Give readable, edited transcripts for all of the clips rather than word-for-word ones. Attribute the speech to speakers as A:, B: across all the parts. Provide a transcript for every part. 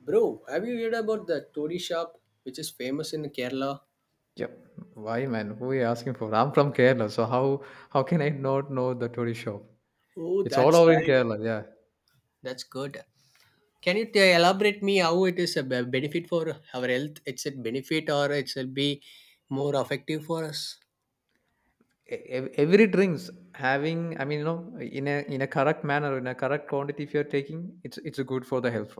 A: Bro, have you heard about the Todi shop, which is famous in Kerala?
B: Yep. Why, man? Who are you asking for? I'm from Kerala, so how can I not know the tourist shop?
A: Oh,
B: It's all
A: that's
B: over in
A: right.
B: Kerala. Yeah,
A: That's good. Can you elaborate me how it is a benefit for our health? It's a benefit or it will be more effective for us?
B: Every drinks having. I mean, in a correct manner, in a correct quantity. If you're taking, it's good for the health.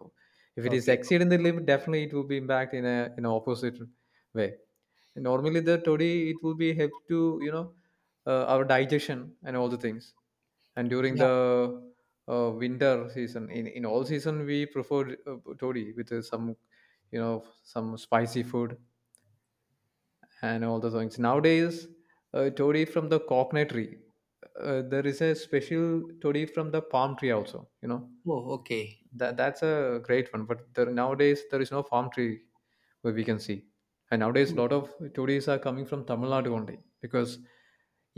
B: If it is
A: Okay.
B: exceeding the limit, definitely it will be impact in a in an opposite way. And normally the toddy, it will be help to our digestion and all the things. And during
A: Yeah.
B: the winter season in all season we prefer toddy with some some spicy food and all the things. Nowadays toddy from the coconut tree, there is a special toddy from the palm tree also,
A: Oh, okay.
B: that's a great one. But nowadays there is no palm tree where we can see. And nowadays a lot of tourists are coming from Tamil Nadu only, because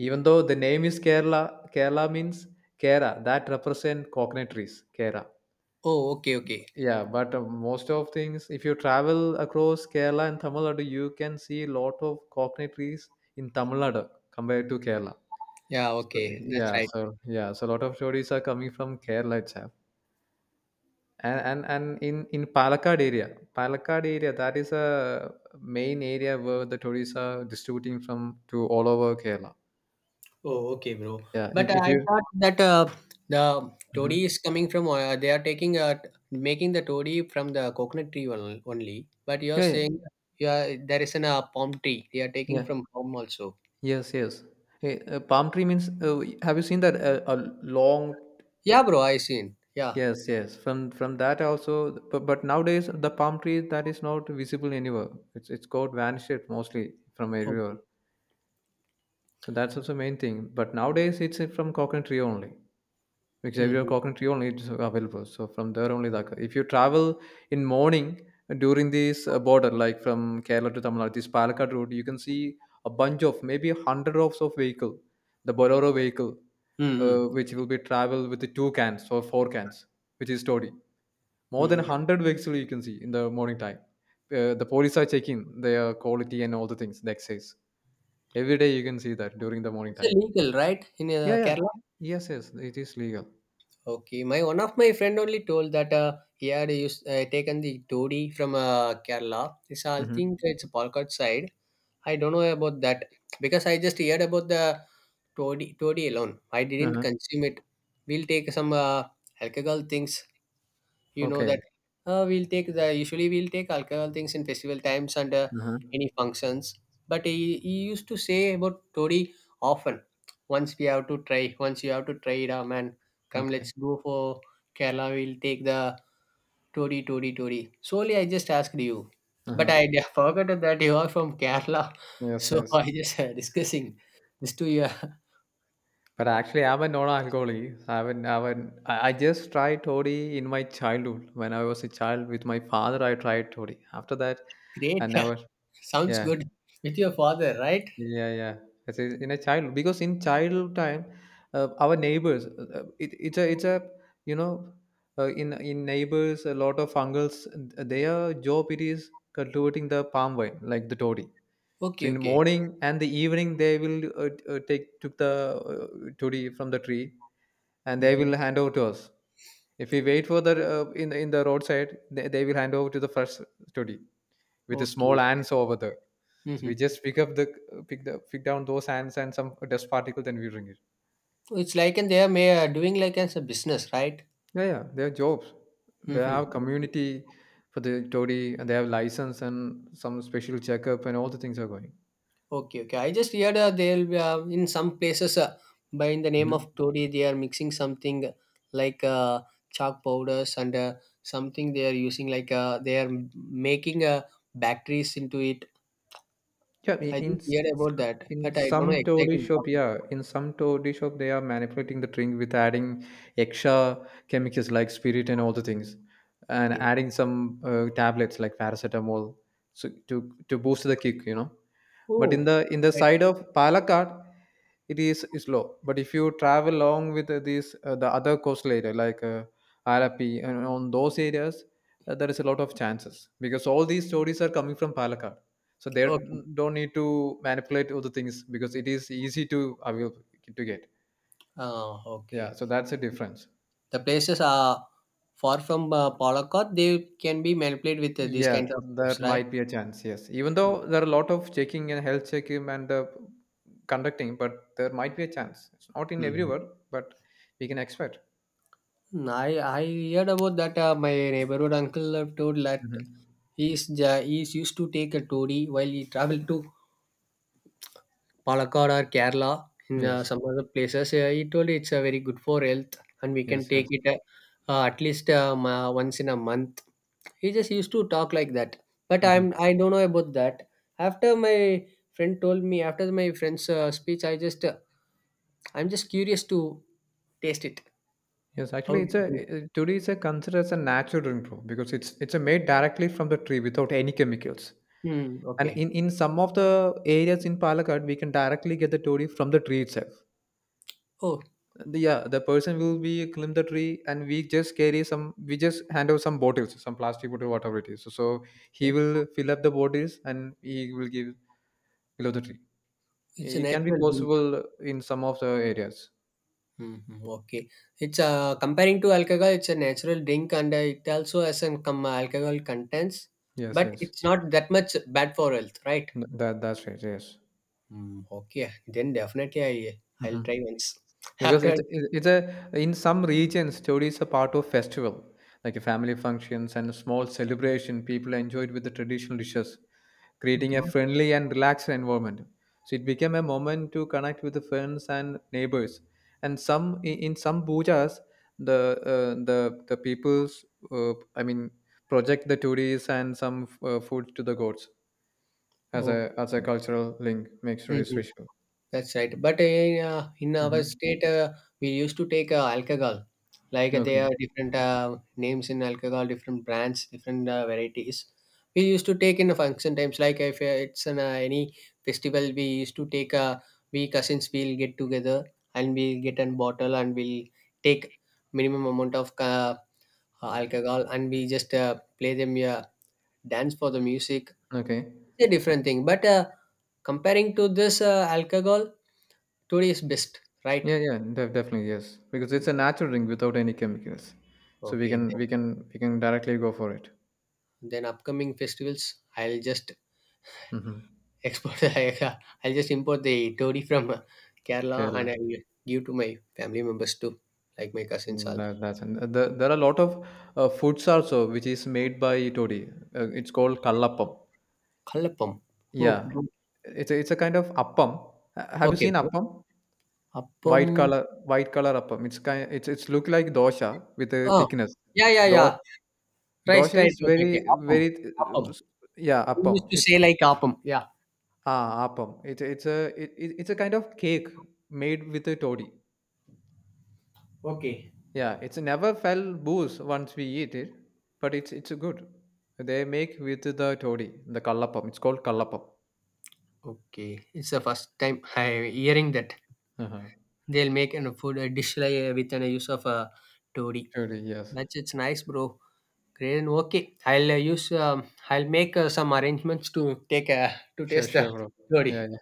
B: even though the name is Kerala, Kerala means kera, that represent coconut trees, kera.
A: Oh, okay, okay.
B: Yeah, but most of things, if you travel across Kerala and Tamil Nadu, you can see a lot of coconut trees in Tamil Nadu compared to Kerala.
A: Yeah,
B: so,
A: okay. That's
B: yeah
A: right.
B: so yeah so a lot of tourists are coming from Kerala itself. And in Palakkad area, that is a main area where the tourists are distributing from to all over Kerala.
A: Oh, okay, bro.
B: Yeah,
A: But
B: if
A: I
B: you
A: thought that the toady
B: Mhm.
A: is coming from they are taking making the toady from the coconut tree only. But you're
B: Yeah, yeah,
A: saying you are there is an palm tree. They are taking
B: yeah.
A: from palm also.
B: Yes, yes. Hey, palm tree means, have you seen that a long
A: Yeah, bro. I seen. Yeah.
B: Yes, yes. From that also, but nowadays the palm tree, that is not visible anywhere. It's got vanished mostly from everywhere.
A: Okay.
B: So that's also main thing. But nowadays it's from coconut tree only. Xavier
A: Mm-hmm.
B: Coconut Tree only it's available. So from there only, like if you travel in morning during this border, like from Kerala to Tamil Nadu, this Palakkad road, you can see a bunch of maybe hundred of vehicle, the Bolero vehicle,
A: Mm-hmm.
B: which will be travel with the two cans or four cans, which is Todi. More than
A: Mm.
B: hundred vehicle you can see in the morning time. The police are checking their quality and all the things, the excise. Every day you can see that during the morning
A: It's
B: time.
A: illegal, right, in
B: Yeah, yeah.
A: Kerala?
B: Yes, yes, it is legal.
A: Okay, my one of my friend only told that he had used, taken the toady from Kerala. It's I
B: Mm-hmm.
A: think it's Palakkad side, I don't know about that because I just heard about the toddy, toddy alone. I didn't
B: Uh-huh.
A: consume it. We'll take some alcohol things you know that
B: Okay.
A: we'll take the usually we'll take alcohol things in festival times and
B: Uh-huh.
A: any functions. But he used to say about Tori often. Once we have to try, once you have to try it, ah, man, come
B: Okay.
A: let's go for Kerala. We'll take the Tori, Tori, Tori. Solely, I just asked you, but
B: Uh-huh.
A: forgot that you are from Kerala,
B: Yes,
A: so
B: yes.
A: I just discussing this to you.
B: But actually, I'm a non-alcoholic. I haven't, I haven't, I just tried toddy in my childhood. When I was a child with my father, I tried toddy. After that, I
A: Great,
B: never,
A: sounds
B: yeah,
A: good with your father, right?
B: yeah. I say in a child because in childhood time, our neighbors, it's a, you know, in neighbors, a lot of uncles, their job it is cultivating the palm wine, like the toddy. So
A: Okay,
B: in the
A: okay,
B: morning and the evening they will take took the todi from the tree and they
A: hmm
B: will hand over to us. If we wait for the in the roadside, they will hand over to the first todi with the small
A: okay.
B: ants over there. So we
A: Hmm.
B: just pick down those ants and some dust particle, then we bring it.
A: It's like and they are may doing like as a business, right?
B: Yeah, yeah, they have jobs. They
A: Hmm.
B: have community for the todi and they have license and some special checkup and all the things are going.
A: Okay, okay. I just heard they'll be in some places by in the name of
B: Mhm.
A: Todi, they are mixing something like chalk powders and something they are using like they are making batteries into it.
B: Yeah,
A: I just
B: s-
A: heard about that,
B: in
A: but I don't know
B: some
A: exactly
B: toady
A: what.
B: shop, yeah, in some toady shop, they are manipulating the drink with adding extra chemicals like spirit and all the things, and
A: It is. Okay.
B: adding some tablets like paracetamol, so to to boost the kick, you know. But
A: Oh,
B: in the
A: right,
B: side
A: right.
B: of Palakkad, it is slow, but if you travel along with these the other coastal area like Arapi and on those areas, there is a lot of chances because all these stories are coming from Palakkad, so they
A: Okay.
B: don't need to manipulate other things because it is easy to avail to get. Yeah,
A: Okay.
B: so that's a difference.
A: The places are far from Palakkad. They can be manipulated with these
B: Yeah,
A: kinds of
B: there
A: stuffs, right?
B: might be a chance, yes, even though there are a lot of checking and health checking and conducting, but there might be a chance. It's not in
A: Mhm.
B: everywhere, but we can expect.
A: Mm, I heard about that. My neighborhood uncle told that
B: Mhm.
A: he's used to take a touri while he traveled to Palakkad or Kerala in
B: yes
A: some other places. He told it's very good for health and we
B: yes
A: can take
B: yes
A: it at least once in a month. He just used to talk like that. But
B: Mhm.
A: I don't know about that. After my friend told me after my friend's speech, I just I'm just curious to taste it.
B: Yes,
A: How
B: actually,
A: do
B: it's
A: you
B: a
A: do?
B: today is a considered as a natural improve because it's a made directly from the tree without any chemicals.
A: Hmm.
B: And
A: Okay.
B: in some of the areas in Palakkad, we can directly get the toddy from the tree itself. The- yeah, the person will be climb the tree, and we just carry some. We just hand over some bottles, some plastic bottle, whatever it is. So he
A: Oh.
B: will fill up the bottles, and he will give below the tree.
A: It's a
B: It can be
A: natural drink.
B: possible in some of the areas.
A: Mhm. Okay, it's comparing to alcohol, it's a natural drink and it also has some alcohol contents,
B: Yes,
A: but
B: yes.
A: it's not that much bad for health, right?
B: That that's right. Yes.
A: Mm, okay, then definitely I'll
B: Hmm.
A: try once
B: Because
A: after.
B: it's a, in some regions story is a part of festival, like a family functions and a small celebration. People enjoy it with the traditional dishes, creating
A: Okay.
B: a friendly and relaxed environment. So it became a moment to connect with the friends and neighbors. And some, in some pujas, the uh, the the people's, I mean, project the tourists and some food to the gods as a
A: Okay.
B: cultural link, makes sure it's
A: Mhm.
B: visual.
A: That's right. But in, yeah, in our
B: Hmm.
A: state, we used to take alcohol. Like there
B: Okay.
A: are different names in alcohol, different brands, different varieties. We used to take in the function times. Like if it's an, any festival, we used to take. We cousins will get together and we'll get a bottle and we'll take minimum amount of alcohol and we just play them dance for the music.
B: Okay.
A: It's a different thing. But comparing to this alcohol today is best, right?
B: Yeah, yeah, definitely yes, because it's a natural drink without any chemicals, so
A: Okay,
B: we can directly go for it.
A: then upcoming festivals, I'll just
B: Hmm.
A: export the I'll just import the todi from Kerala
B: Kerala.
A: and I'll give to my family members too, like my cousins.
B: Mm,
A: All
B: that's and the, there are a lot of foods also which is made by Todi. It's called kallappam.
A: kallappam. Oh,
B: Yeah,
A: good.
B: it's a kind of appam. Have you
A: Okay,
B: seen
A: bro.
B: appam?
A: Appam.
B: White color appam. It's look like dosha with a
A: Oh,
B: thickness.
A: yeah, yeah, yeah.
B: Do,
A: Right,
B: dosha
A: right.
B: is
A: Okay,
B: very
A: okay. Appam,
B: very,
A: appam.
B: uh, s- yeah,
A: We used
B: appam.
A: to
B: It's
A: say like appam. Yeah.
B: Ah, appam. It's a kind of cake made with a toddy.
A: Okay.
B: Yeah, it's never fell booze once we eat it, but it's good. They make with the toddy, the kallapam. It's called kallapam.
A: Okay, it's the first time I'm hearing that
B: Uh-huh.
A: they'll make a food a dish like with an use of a todi.
B: Toddy, yes.
A: That's it's nice, bro. Great, and okay. I'll use. I'll make some arrangements to take to
B: Sure,
A: taste the
B: sure, bro.
A: curry.
B: Yeah, yeah.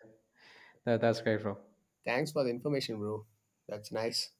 B: That's great, bro.
A: Thanks for the information, bro. That's nice.